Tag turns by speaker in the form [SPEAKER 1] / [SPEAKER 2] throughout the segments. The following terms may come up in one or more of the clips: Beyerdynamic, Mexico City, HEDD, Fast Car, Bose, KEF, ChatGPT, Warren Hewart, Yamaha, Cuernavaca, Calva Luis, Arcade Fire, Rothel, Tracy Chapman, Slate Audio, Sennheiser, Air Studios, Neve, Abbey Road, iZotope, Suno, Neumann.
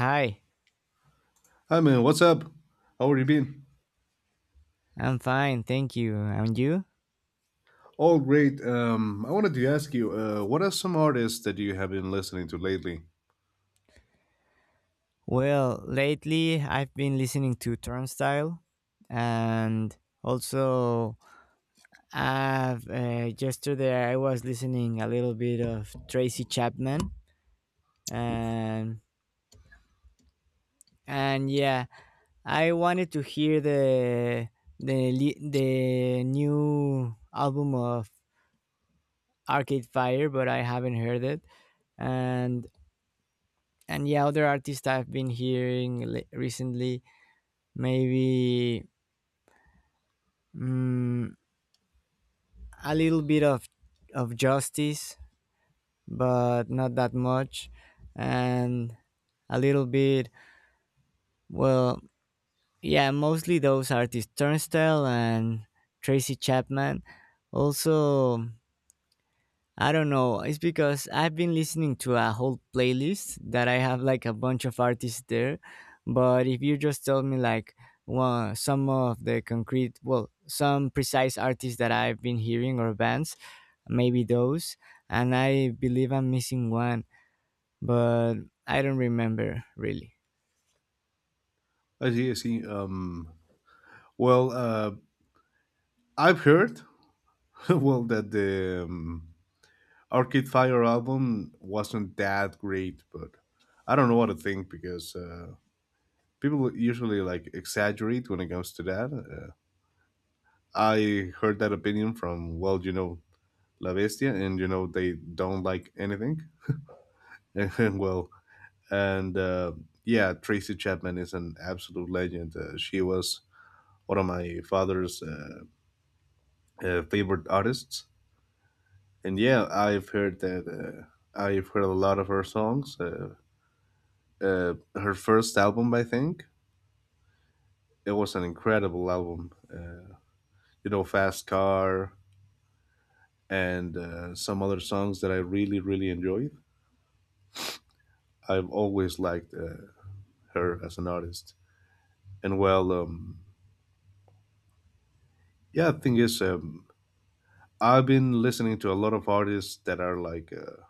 [SPEAKER 1] Hi,
[SPEAKER 2] Hi man, what's up? How are you been?
[SPEAKER 1] I'm fine, thank you. And you?
[SPEAKER 2] All great. I wanted to ask you, what are some artists that you have been listening to lately?
[SPEAKER 1] Well, lately I've been listening to Turnstile, and also I've yesterday I was listening a little bit of Tracy Chapman,
[SPEAKER 2] Oof.
[SPEAKER 1] and and yeah, I wanted to hear the the new album of Arcade Fire, but I haven't heard it, and and yeah, other artists I've been hearing recently maybe mm, a little bit of justice but not that much and a little bit well yeah mostly those artists Turnstile and Tracy Chapman also. I don't know. It's because I've been listening to a whole playlist that I have like a bunch of artists there. But if you just tell me like one some of the concrete, well, some precise artists that I've been hearing or bands, maybe those. And I believe I'm missing one, but I don't remember really.
[SPEAKER 2] I see. Well, uh, I've heard well that the Arcade Fire album wasn't that great, but I don't know what to think because people usually like exaggerate when it comes to that. I heard that opinion from you know, La Bestia, and you know they don't like anything. And well, And yeah, Tracy Chapman is an absolute legend. She was one of my father's favorite artists. And yeah, I've heard that. I've heard a lot of her songs. Her first album, I think, it was an incredible album. You know, Fast Car and some other songs that I really, really enjoyed. I've always liked her as an artist. And well, um, yeah, the thing is, I've been listening to a lot of artists that are like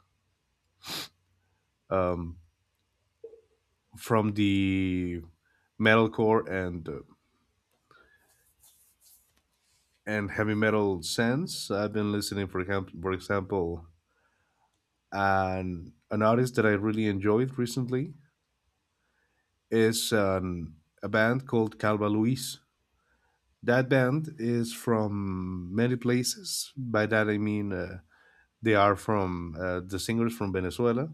[SPEAKER 2] um, from the metalcore and heavy metal sense. I've been listening, for example, an artist that I really enjoyed recently is a band called Calva Luis. That band is from many places. By that I mean they are from the singers from Venezuela.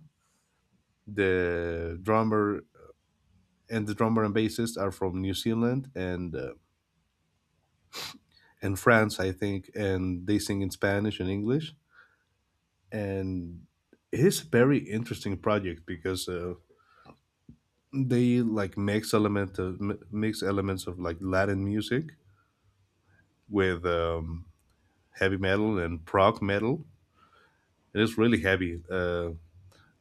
[SPEAKER 2] The drummer the drummer and bassist are from New Zealand and France, I think, and they sing in Spanish and English. And it is a very interesting project because they like mix elements of like Latin music with heavy metal and prog metal. It is really heavy.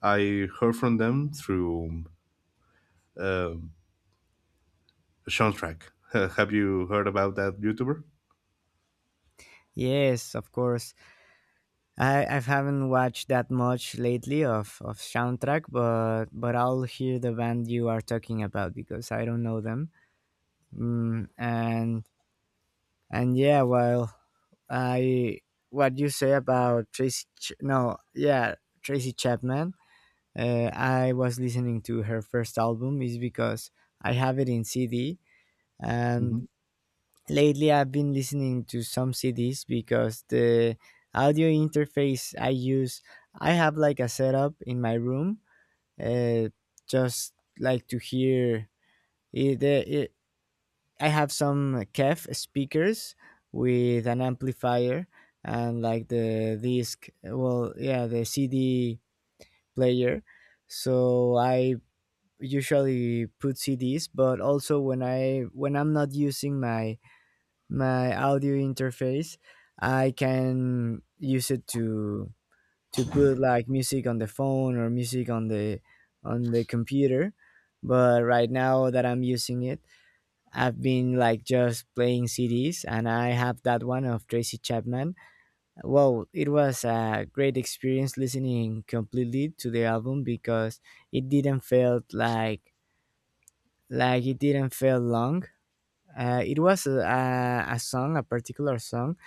[SPEAKER 2] I heard from them through uh, Sean Track. Have you heard about that YouTuber?
[SPEAKER 1] Yes, of course. I haven't watched that much lately of soundtrack, but I'll hear the band you are talking about because I don't know them. Mm, and yeah, well, I what you say about Tracy? Ch- no, yeah, Tracy Chapman. I was listening to her first album is because I have it in CD, and
[SPEAKER 2] hmm
[SPEAKER 1] lately I've been listening to some CDs because the audio interface I use, I have like a setup in my room, uh, just like to hear. It, the I have some KEF speakers with an amplifier and like yeah, the CD player. So I usually put CDs, but also when I'm not using my audio interface, I can use it to put like music on the phone or music on the computer. But right now that I'm using it, I've been like just playing CDs, and I have that one of Tracy Chapman. Well, it was a great experience listening completely to the album because it didn't feel like it didn't feel long. It was a particular song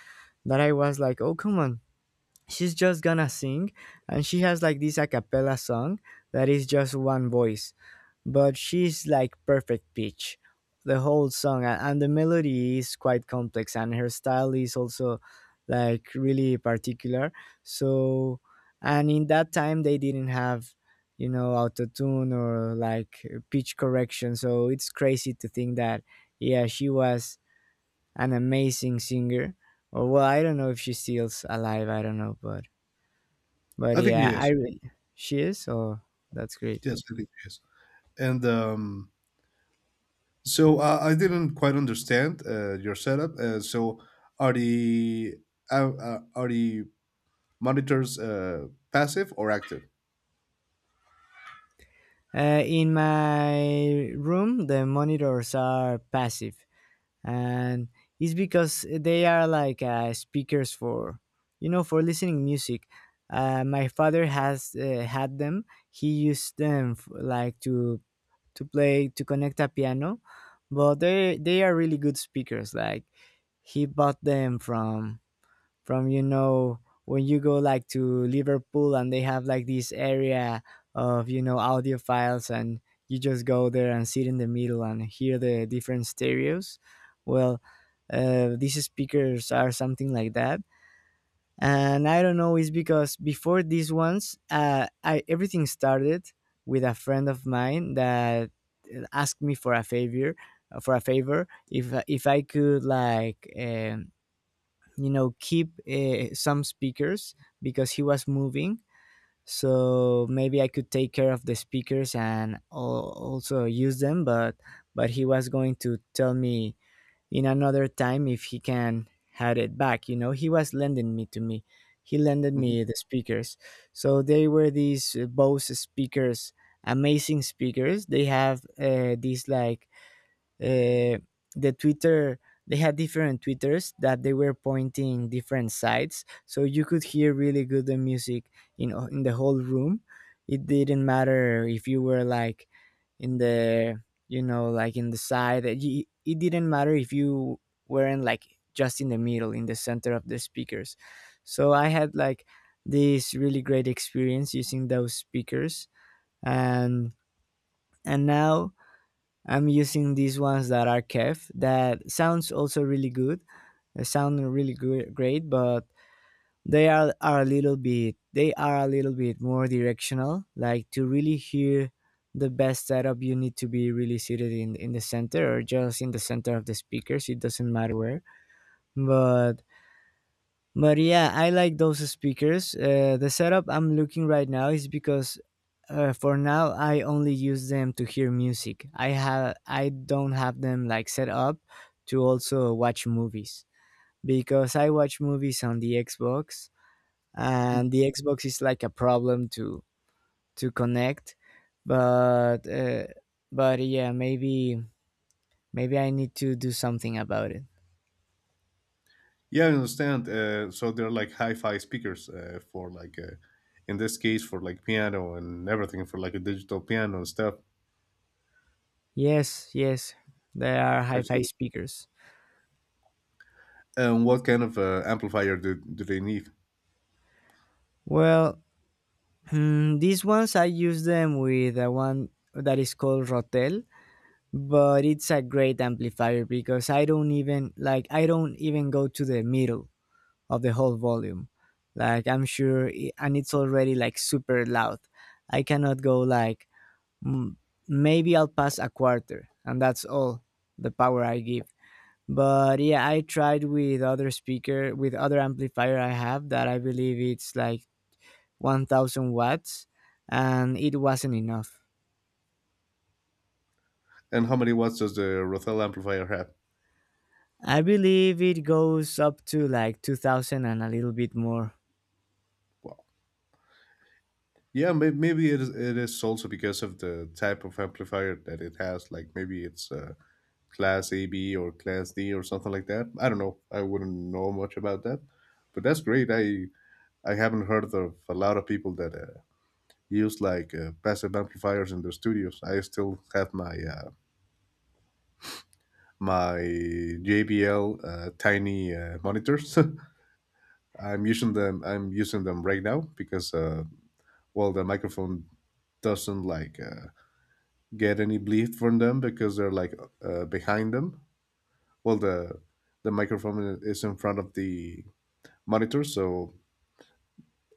[SPEAKER 1] that I was like, oh come on, she's just gonna sing, and she has like this a cappella song that is just one voice, but she's like perfect pitch the whole song, and the melody is quite complex and her style is also like really particular. So and in that time they didn't have, you know, auto tune or like pitch correction, so it's crazy to think that yeah, she was an amazing singer. Or well, I don't know if she stills alive, I don't know, but
[SPEAKER 2] I think he
[SPEAKER 1] yeah, I
[SPEAKER 2] is.
[SPEAKER 1] really she is, or that's great.
[SPEAKER 2] Yes, I think he is. And So I didn't quite understand your setup. So are the are the monitors passive or active?
[SPEAKER 1] In my room, the monitors are passive, and it's because they are like speakers for, you know, for listening music. My father has had them. He used them like to play to connect a piano, but they are really good speakers. Like he bought them from, you know, when you go like to Liverpool and they have like this area of, you know, audiophiles, and you just go there and sit in the middle and hear the different stereos. Well, these speakers are something like that, and I don't know. It's because before these ones, I everything started with a friend of mine that asked me for a favor if I could like. You know, keep some speakers because he was moving, so maybe I could take care of the speakers and also use them, but he was going to tell me in another time if he can had it back. You know, he was lending me to me, he lended
[SPEAKER 2] Mhm.
[SPEAKER 1] me the speakers. So they were these Bose speakers, amazing speakers. They have these like uh, the twitter. They had different twitters that they were pointing different sides, so you could hear really good the music in the whole room. It didn't matter if you were like in the, you know, like in the side, it didn't matter if you weren't like just in the middle in the center of the speakers. So I had like this really great experience using those speakers, and and now I'm using these ones that are KEF. That sounds also really good. They sound really good, great, but are a little bit, they are a little bit more directional. Like to really hear the best setup, you need to be really seated in the center or just in the center of the speakers. It doesn't matter where, but but yeah, I like those speakers. The setup I'm looking right now is because for now I only use them to hear music. I have I don't have them like set up to also watch movies because I watch movies on the Xbox, and the Xbox is like a problem to connect. But uh, but yeah, maybe maybe I need to do something about it.
[SPEAKER 2] Yeah, I understand. So they're like hi-fi speakers for like in this case for like piano and everything for like a digital piano and stuff.
[SPEAKER 1] Yes, yes, they are
[SPEAKER 2] I
[SPEAKER 1] hi-fi
[SPEAKER 2] see.
[SPEAKER 1] speakers.
[SPEAKER 2] And what kind of amplifier do they need?
[SPEAKER 1] Well, hmm, these ones I use them with the one that is called Rotel, but it's a great amplifier because I don't even go to the middle of the whole volume. Like I'm sure, and it's already like super loud. I cannot go like mm, maybe I'll pass a quarter, and that's all the power I give. But yeah, I tried with other speaker with other amplifier I have that I believe it's like 1,000 watts, and it wasn't enough.
[SPEAKER 2] And how many watts does the Rothel amplifier have?
[SPEAKER 1] I believe it goes up to like 2000 and a little bit more.
[SPEAKER 2] Yeah, maybe it is also because of the type of amplifier that it has. Like maybe it's class AB or class D or something like that. I don't know. I wouldn't know much about that, but that's great. I haven't heard of a lot of people that use like passive amplifiers in their studios. I still have my my JBL tiny monitors. I'm using them right now because the microphone doesn't like. Get any bleed from them because they're like behind them. Well, the the microphone is in front of the monitor, so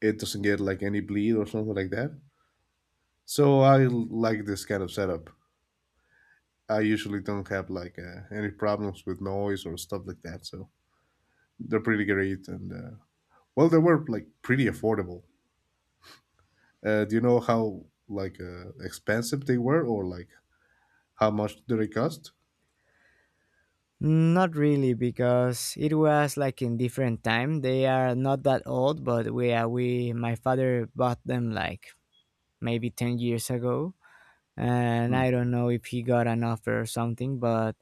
[SPEAKER 2] it doesn't get like any bleed or something like that. So like this kind of setup. I usually don't have like any problems with noise or stuff like that. So they're pretty great, they were like pretty affordable. Do you know how like expensive they were, or like how much do they cost?
[SPEAKER 1] Not really, because it was like in different time. They are not that old, but we my father bought them like maybe 10 years ago, and
[SPEAKER 2] Hmm.
[SPEAKER 1] I don't know if he got an offer or something, but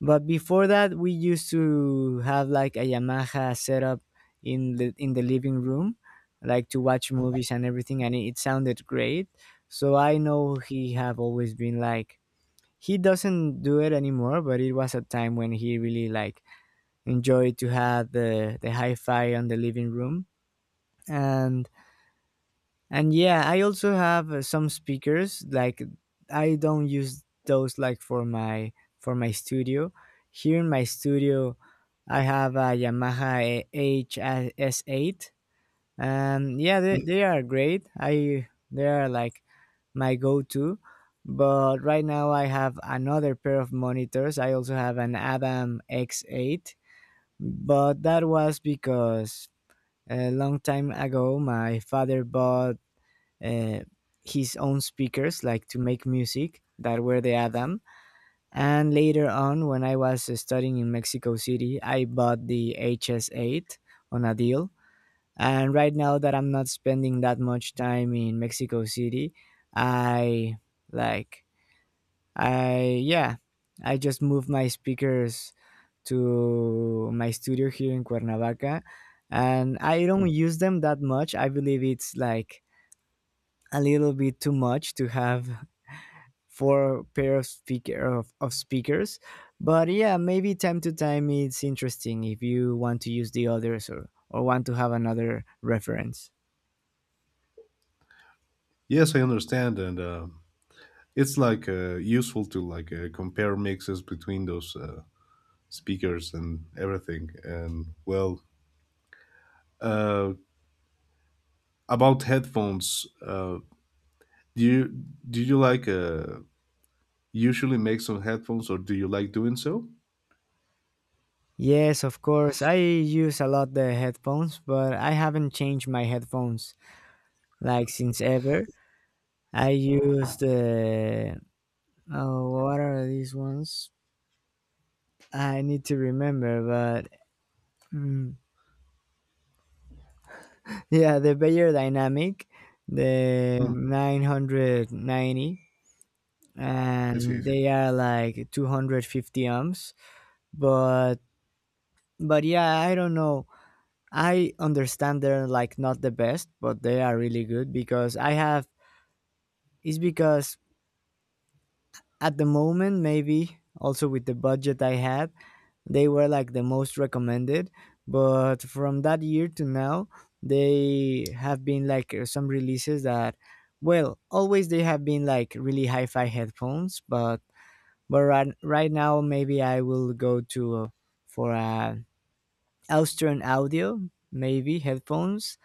[SPEAKER 1] But before that, we used to have like a Yamaha set up in the living room, like to watch movies and everything, and it sounded great. So I know he have always been like, he doesn't do it anymore, but it was a time when he really like enjoyed to have the hi-fi on the living room, and and yeah, I also have some speakers. Like I don't use those like for my studio. Here in my studio, I have a Yamaha HS8. Yeah, they are great. I They are like my go-to. But right now I have another pair of monitors. I also have an Adam X8, but that was because a long time ago my father bought uh, his own speakers, like to make music that were the Adam. And later on, when I was studying in Mexico City, I bought the HS8 on a deal. And right now that I'm not spending that much time in Mexico City, I like, yeah, I just moved my speakers to my studio here in Cuernavaca. And I
[SPEAKER 2] Mm.
[SPEAKER 1] don't use them that much. I believe it's like a little bit too much to have for pair of of speakers, but yeah, maybe time to time it's interesting if you want to use the others or want to have another reference.
[SPEAKER 2] Yes, I understand, and it's like useful to like compare mixes between those speakers and everything and well uh, about headphones do you do you like usually make some headphones or do you like doing so.
[SPEAKER 1] Yes, of course, I use a lot the headphones, but I haven't changed my headphones like since ever. I use the, oh what are these ones, I need to remember, but mm, yeah, the bayer dynamic the
[SPEAKER 2] hmm
[SPEAKER 1] 990,
[SPEAKER 2] I
[SPEAKER 1] and
[SPEAKER 2] see.
[SPEAKER 1] they are like 250 ohms, but but yeah, I don't know. I understand they're like not the best, but they are really good because I have, it's because at the moment maybe also with the budget I had, they were like the most recommended. But from that year to now, they have been like some releases that, well, always they have been like really hi-fi headphones, but right now maybe I will go to for Eastern Audio, maybe headphones,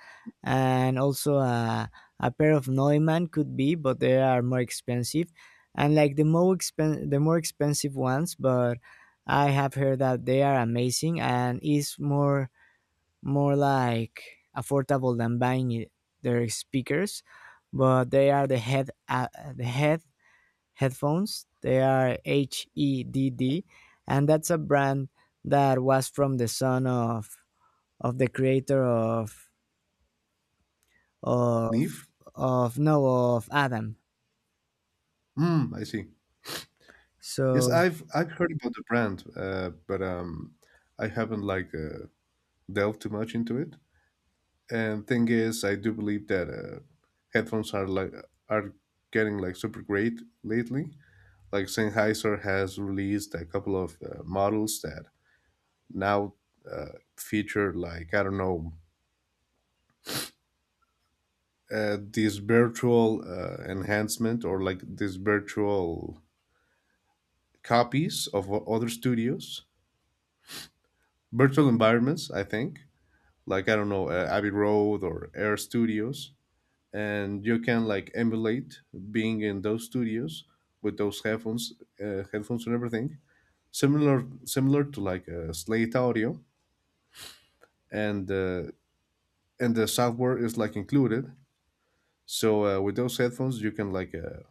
[SPEAKER 1] and also a pair of Neumann could be, but they are more expensive and like the more expensive ones, but I have heard that they are amazing and is more more like affordable than buying it, their speakers. But they are the head the head headphones. They are HEDD, and that's a brand that was from the son of the creator
[SPEAKER 2] Neve
[SPEAKER 1] of no of Adam.
[SPEAKER 2] hmm I see. yes
[SPEAKER 1] So
[SPEAKER 2] i've I've heard about the brand but I haven't like delved too much into it. And thing is, I do believe that headphones are like are getting like super great lately. Like Sennheiser has released a couple of models that now feature like I don't know these virtual enhancement or like these virtual copies of other studios, virtual environments. I think like I don't know Abbey Road or Air Studios and you can like emulate being in those studios with those headphones, uh, headphones and everything, similar to like Slate Audio, and uh, and the software is like included. So with those headphones, you can like uh,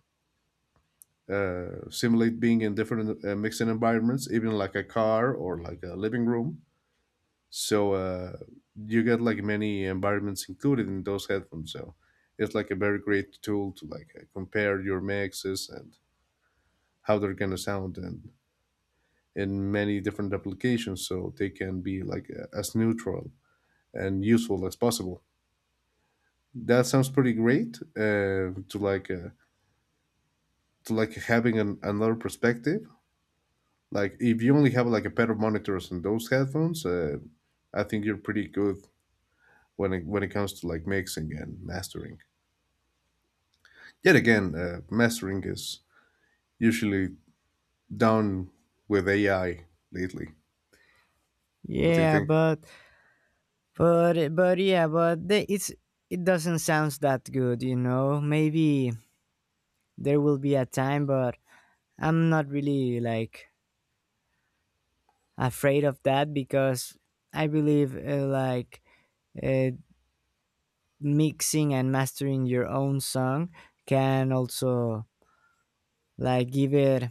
[SPEAKER 2] uh, simulate being in different mixing environments, even like a car or like a living room. So you get like many environments included in those headphones. So it's like a very great tool to like compare your mixes and how they're gonna sound in many different applications, so they can be like as neutral and useful as possible. That sounds pretty great to like having another perspective. Like if you only have like a pair of monitors and those headphones, I think you're pretty good when it comes to like mixing and mastering. Yet again, mastering is usually down with AI lately. What do you
[SPEAKER 1] yeah,
[SPEAKER 2] think?
[SPEAKER 1] but but yeah, but the, it's it doesn't sound that good, you know. Maybe there will be a time, but I'm not really like afraid of that because I believe uh, mixing and mastering your own song can also like give it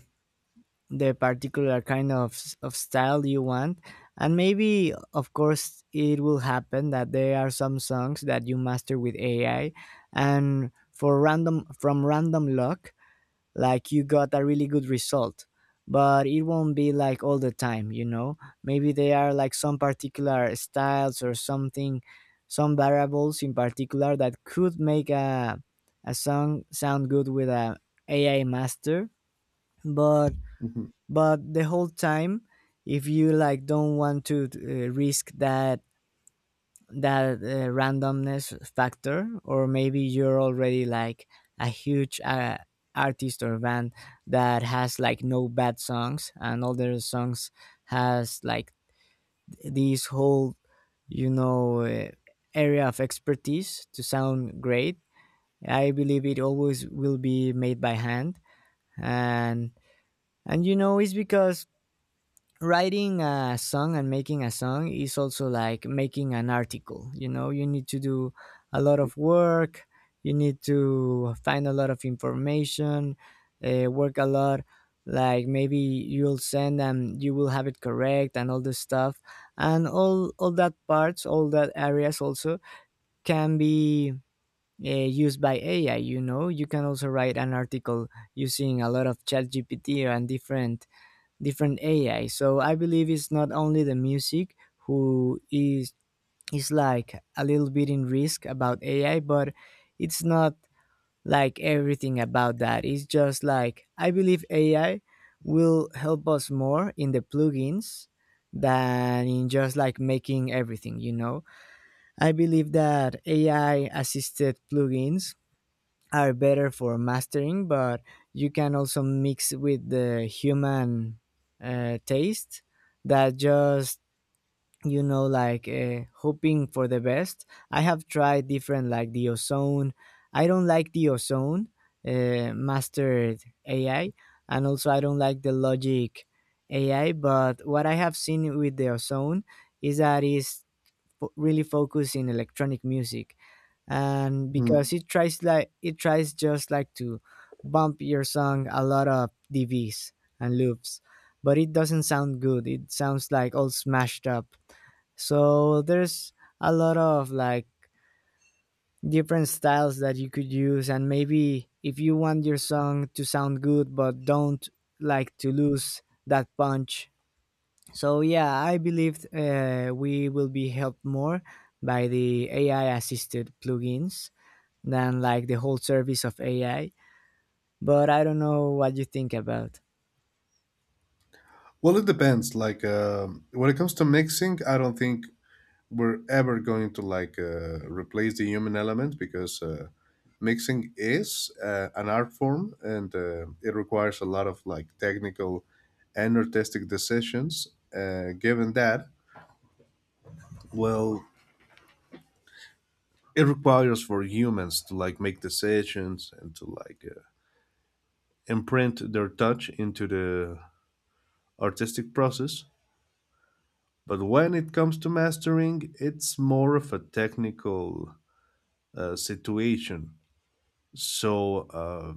[SPEAKER 1] the particular kind of style you want. And maybe of course it will happen that there are some songs that you master with AI and for random from random luck, like you got a really good result, but it won't be like all the time, you know. Maybe there are like some particular styles or something, some variables in particular that could make a song sound good with a ai master. but
[SPEAKER 2] Mhm.
[SPEAKER 1] but the whole time, if you like don't want to risk that, that randomness factor, or maybe you're already like a huge artist or band that has like no bad songs and all their songs has like this whole you know uh, area of expertise to sound great, I believe it always will be made by hand. And and you know, it's because writing a song and making a song is also like making an article. You know, you need to do a lot of work. You need to find a lot of information, work a lot, like maybe you'll send and you will have it correct and all this stuff. And all that parts, all that areas also can be used by ai. You know, you can also write an article using a lot of ChatGPT and different AI. So I believe it's not only the music who is like a little bit in risk about AI, but it's not like everything about that. It's just like I believe AI will help us more in the plugins than in just like making everything, you know. I believe that AI assisted plugins are better for mastering, but you can also mix with the human taste that just, you know, like hoping for the best. I have tried different, like the ozone. I don't like the ozone mastered AI, and also I don't like the logic AI. But what I have seen with the ozone is that is really focused in electronic music. And because it tries, it tries just like to bump your song a lot of DVs and loops, but it doesn't sound good. It sounds like all smashed up. So there's a lot of like different styles that you could use, and maybe if you want your song to sound good but don't like to lose that punch. So yeah, I believe we will be helped more by the AI assisted plugins than like the whole service of AI. But I don't know what you think about.
[SPEAKER 2] Well, it depends. Like when it comes to mixing, I don't think we're ever going to like replace the human element because mixing is an art form and it requires a lot of like technical and artistic decisions. Uh, given that, well, it requires for humans to like make decisions and to like imprint their touch into the artistic process. But when it comes to mastering, it's more of a technical situation. So, uh,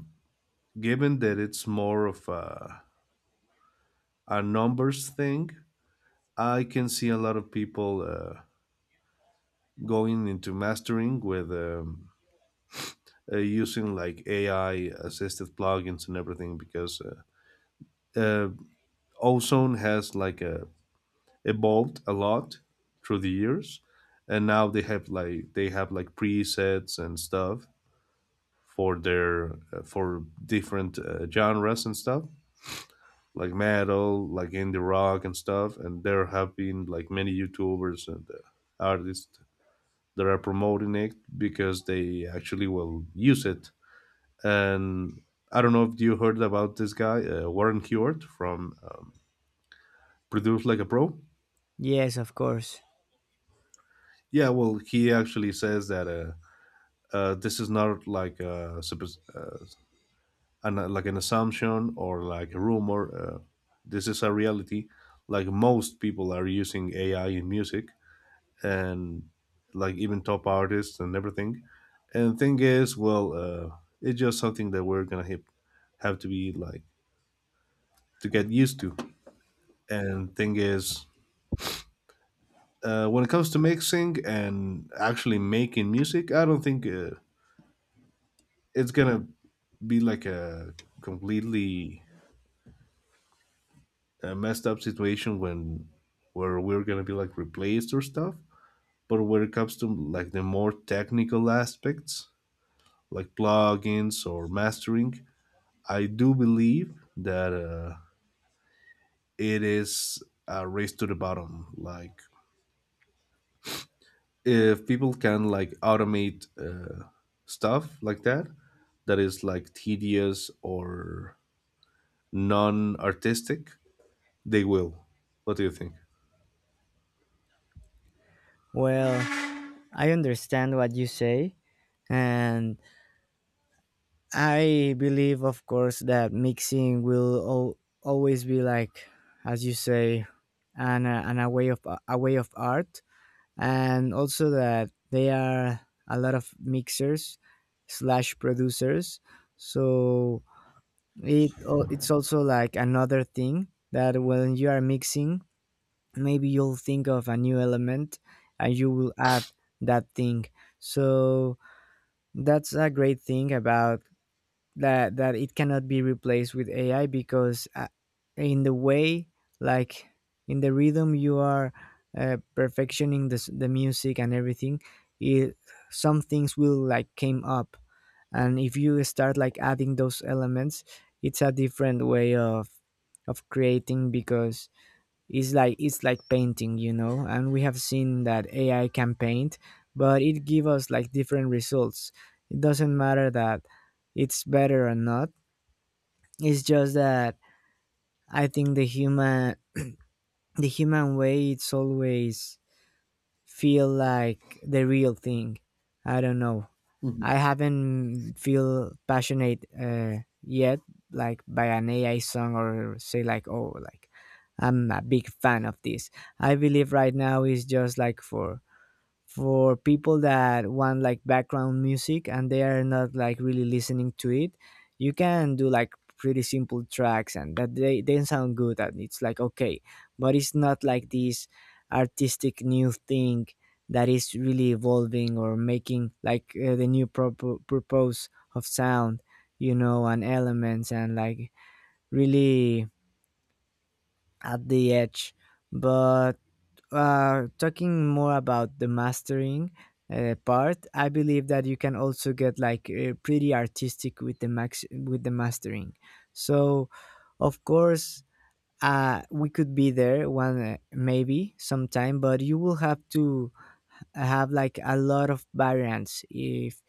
[SPEAKER 2] given that it's more of a numbers thing, I can see a lot of people going into mastering with using like AI assisted plugins and everything because uh, Ozone has like evolved a lot through the years, and now they have like presets and stuff for their for different genres and stuff like metal like indie rock and stuff and there have been like many youtubers and artists that are promoting it because they actually will use it and I don't know if you heard about this guy Warren Hewart from produce like a pro.
[SPEAKER 1] Yes, of course.
[SPEAKER 2] Yeah, well he actually says that this is not like a like an assumption or like a rumor. This is a reality. Like most people are using AI in music and like even top artists and everything. And thing is, it's just something that we're gonna have to be like to get used to. And thing is, when it comes to mixing and actually making music, I don't think it's gonna be like a completely a messed up situation when where we're gonna be like replaced or stuff. But when it comes to like the more technical aspects, like plugins or mastering, I do believe that it is a race to the bottom. Like if people can like automate stuff like that, that is like tedious or non-artistic, they will. What do you think?
[SPEAKER 1] Well, I understand what you say, and I believe, of course, that mixing will always be like, as you say, an a way of art, and also that they are a lot of mixers slash producers. So it it's also like another thing that when you are mixing, maybe you'll think of a new element and you will add that thing. So that's a great thing about that, it cannot be replaced with ai because in the way, like in the rhythm you are perfectioning the music and everything, it, some things will like came up. And if you start like adding those elements, it's a different way of creating. Because it's like, it's like painting, you know, and we have seen that ai can paint, but it gives us like different results. It doesn't matter that it's better or not. It's just that I think the human way it's always feel like the real thing. I don't know, I haven't feel passionate yet, like by an AI song, or say like, oh, like I'm a big fan of this. I believe right now is just like for people that want like background music and they are not like really listening to it. You can do like pretty simple tracks and that they sound good and it's like okay, but it's not like this artistic new thing that is really evolving or making like the new propo purpose of sound, you know, and elements, and like really at the edge. But talking more about the mastering part, I believe that you can also get like pretty artistic with the max with the mastering. So, of course, we could be there one maybe sometime, but you will have to have like a lot of variants if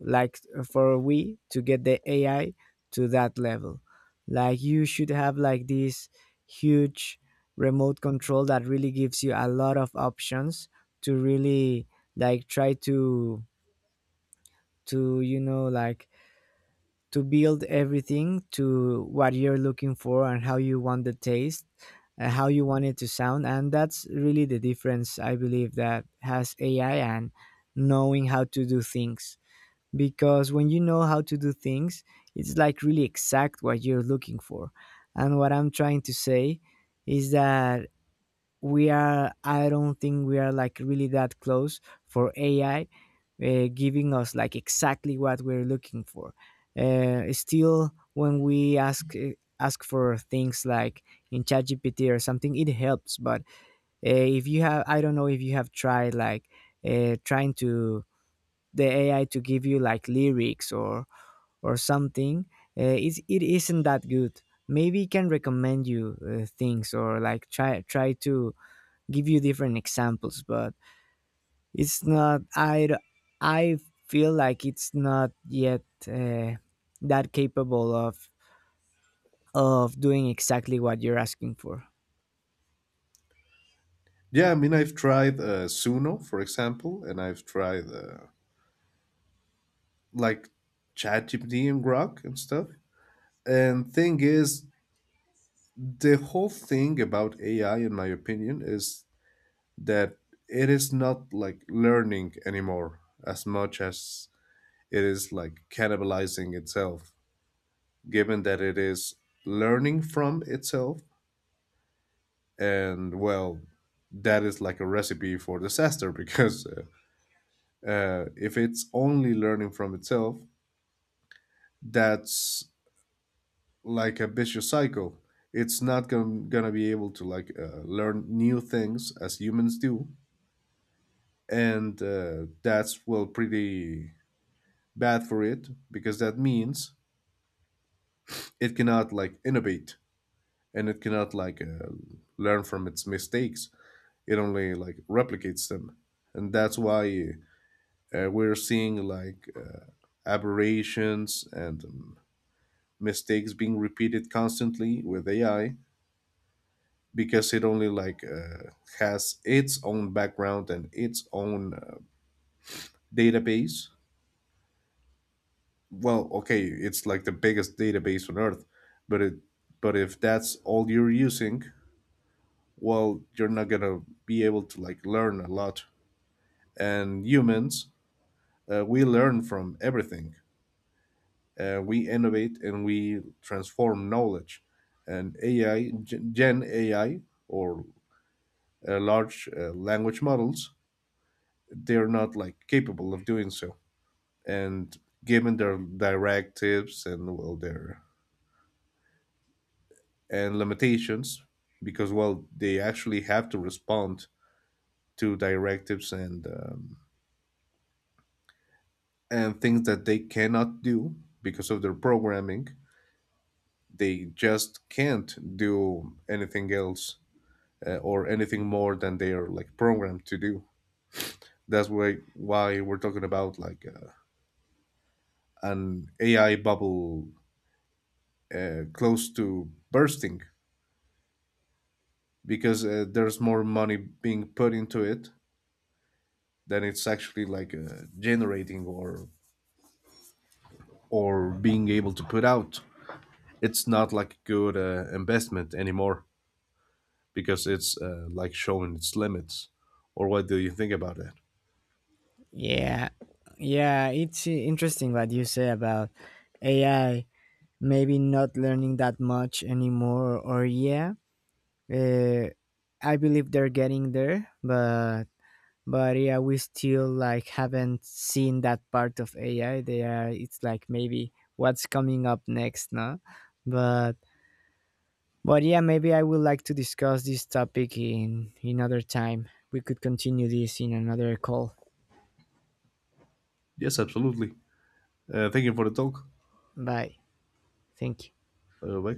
[SPEAKER 1] like for we to get the AI to that level. Like you should have like this huge remote control that really gives you a lot of options to really like try to you know, like, to build everything to what you're looking for and how you want the taste, how you want it to sound. And that's really the difference, I believe, that has ai and knowing how to do things. Because when you know how to do things, it's like really exact what you're looking for. And what I'm trying to say is that we are, I don't think we are like really that close for ai giving us like exactly what we're looking for. Still when we ask ask for things like in ChatGPT or something, it helps. But if you have, I don't know if you have tried like trying to the AI to give you like lyrics or something. It's, it isn't that good. Maybe it can recommend you things, or like try to give you different examples, but it's not I feel like it's not yet that capable of doing exactly what you're asking for.
[SPEAKER 2] Yeah, I mean, I've tried Suno, for example, and I've tried like ChatGPT and Grok and stuff. And thing is, the whole thing about AI, in my opinion, is that it is not like learning anymore as much as it is like cannibalizing itself, given that it is learning from itself. And well, that is like a recipe for disaster because if it's only learning from itself, that's like a vicious cycle. It's not gonna be able to like learn new things as humans do, and that's well pretty bad for it because that means it cannot like innovate and it cannot like learn from its mistakes. It only like replicates them, and that's why we're seeing like aberrations and mistakes being repeated constantly with AI because it only like has its own background and its own database. Well okay, it's like the biggest database on earth, but it, but if that's all you're using, well you're not gonna be able to like learn a lot. And humans, we learn from everything, we innovate and we transform knowledge. And ai gen Gen AI or large language models, they're not like capable of doing so. And given their directives and well their and limitations, because well they actually have to respond to directives and things that they cannot do because of their programming, they just can't do anything else, or anything more than they are like programmed to do. That's why we're talking about like an AI bubble close to bursting, because there's more money being put into it than it's actually like generating or being able to put out. It's not like a good investment anymore because it's like showing its limits. Or what do you think about that?
[SPEAKER 1] yeah yeah, it's interesting what you say about ai maybe not learning that much anymore, or yeah. Uh, I believe they're getting there, but yeah, we still like haven't seen that part of AI. They are It's like maybe what's coming up next, no? But but yeah, maybe I would like to discuss this topic in another time. We could continue this in another call.
[SPEAKER 2] Yes, absolutely. Thank you for the talk.
[SPEAKER 1] Bye. Thank you.
[SPEAKER 2] Uh,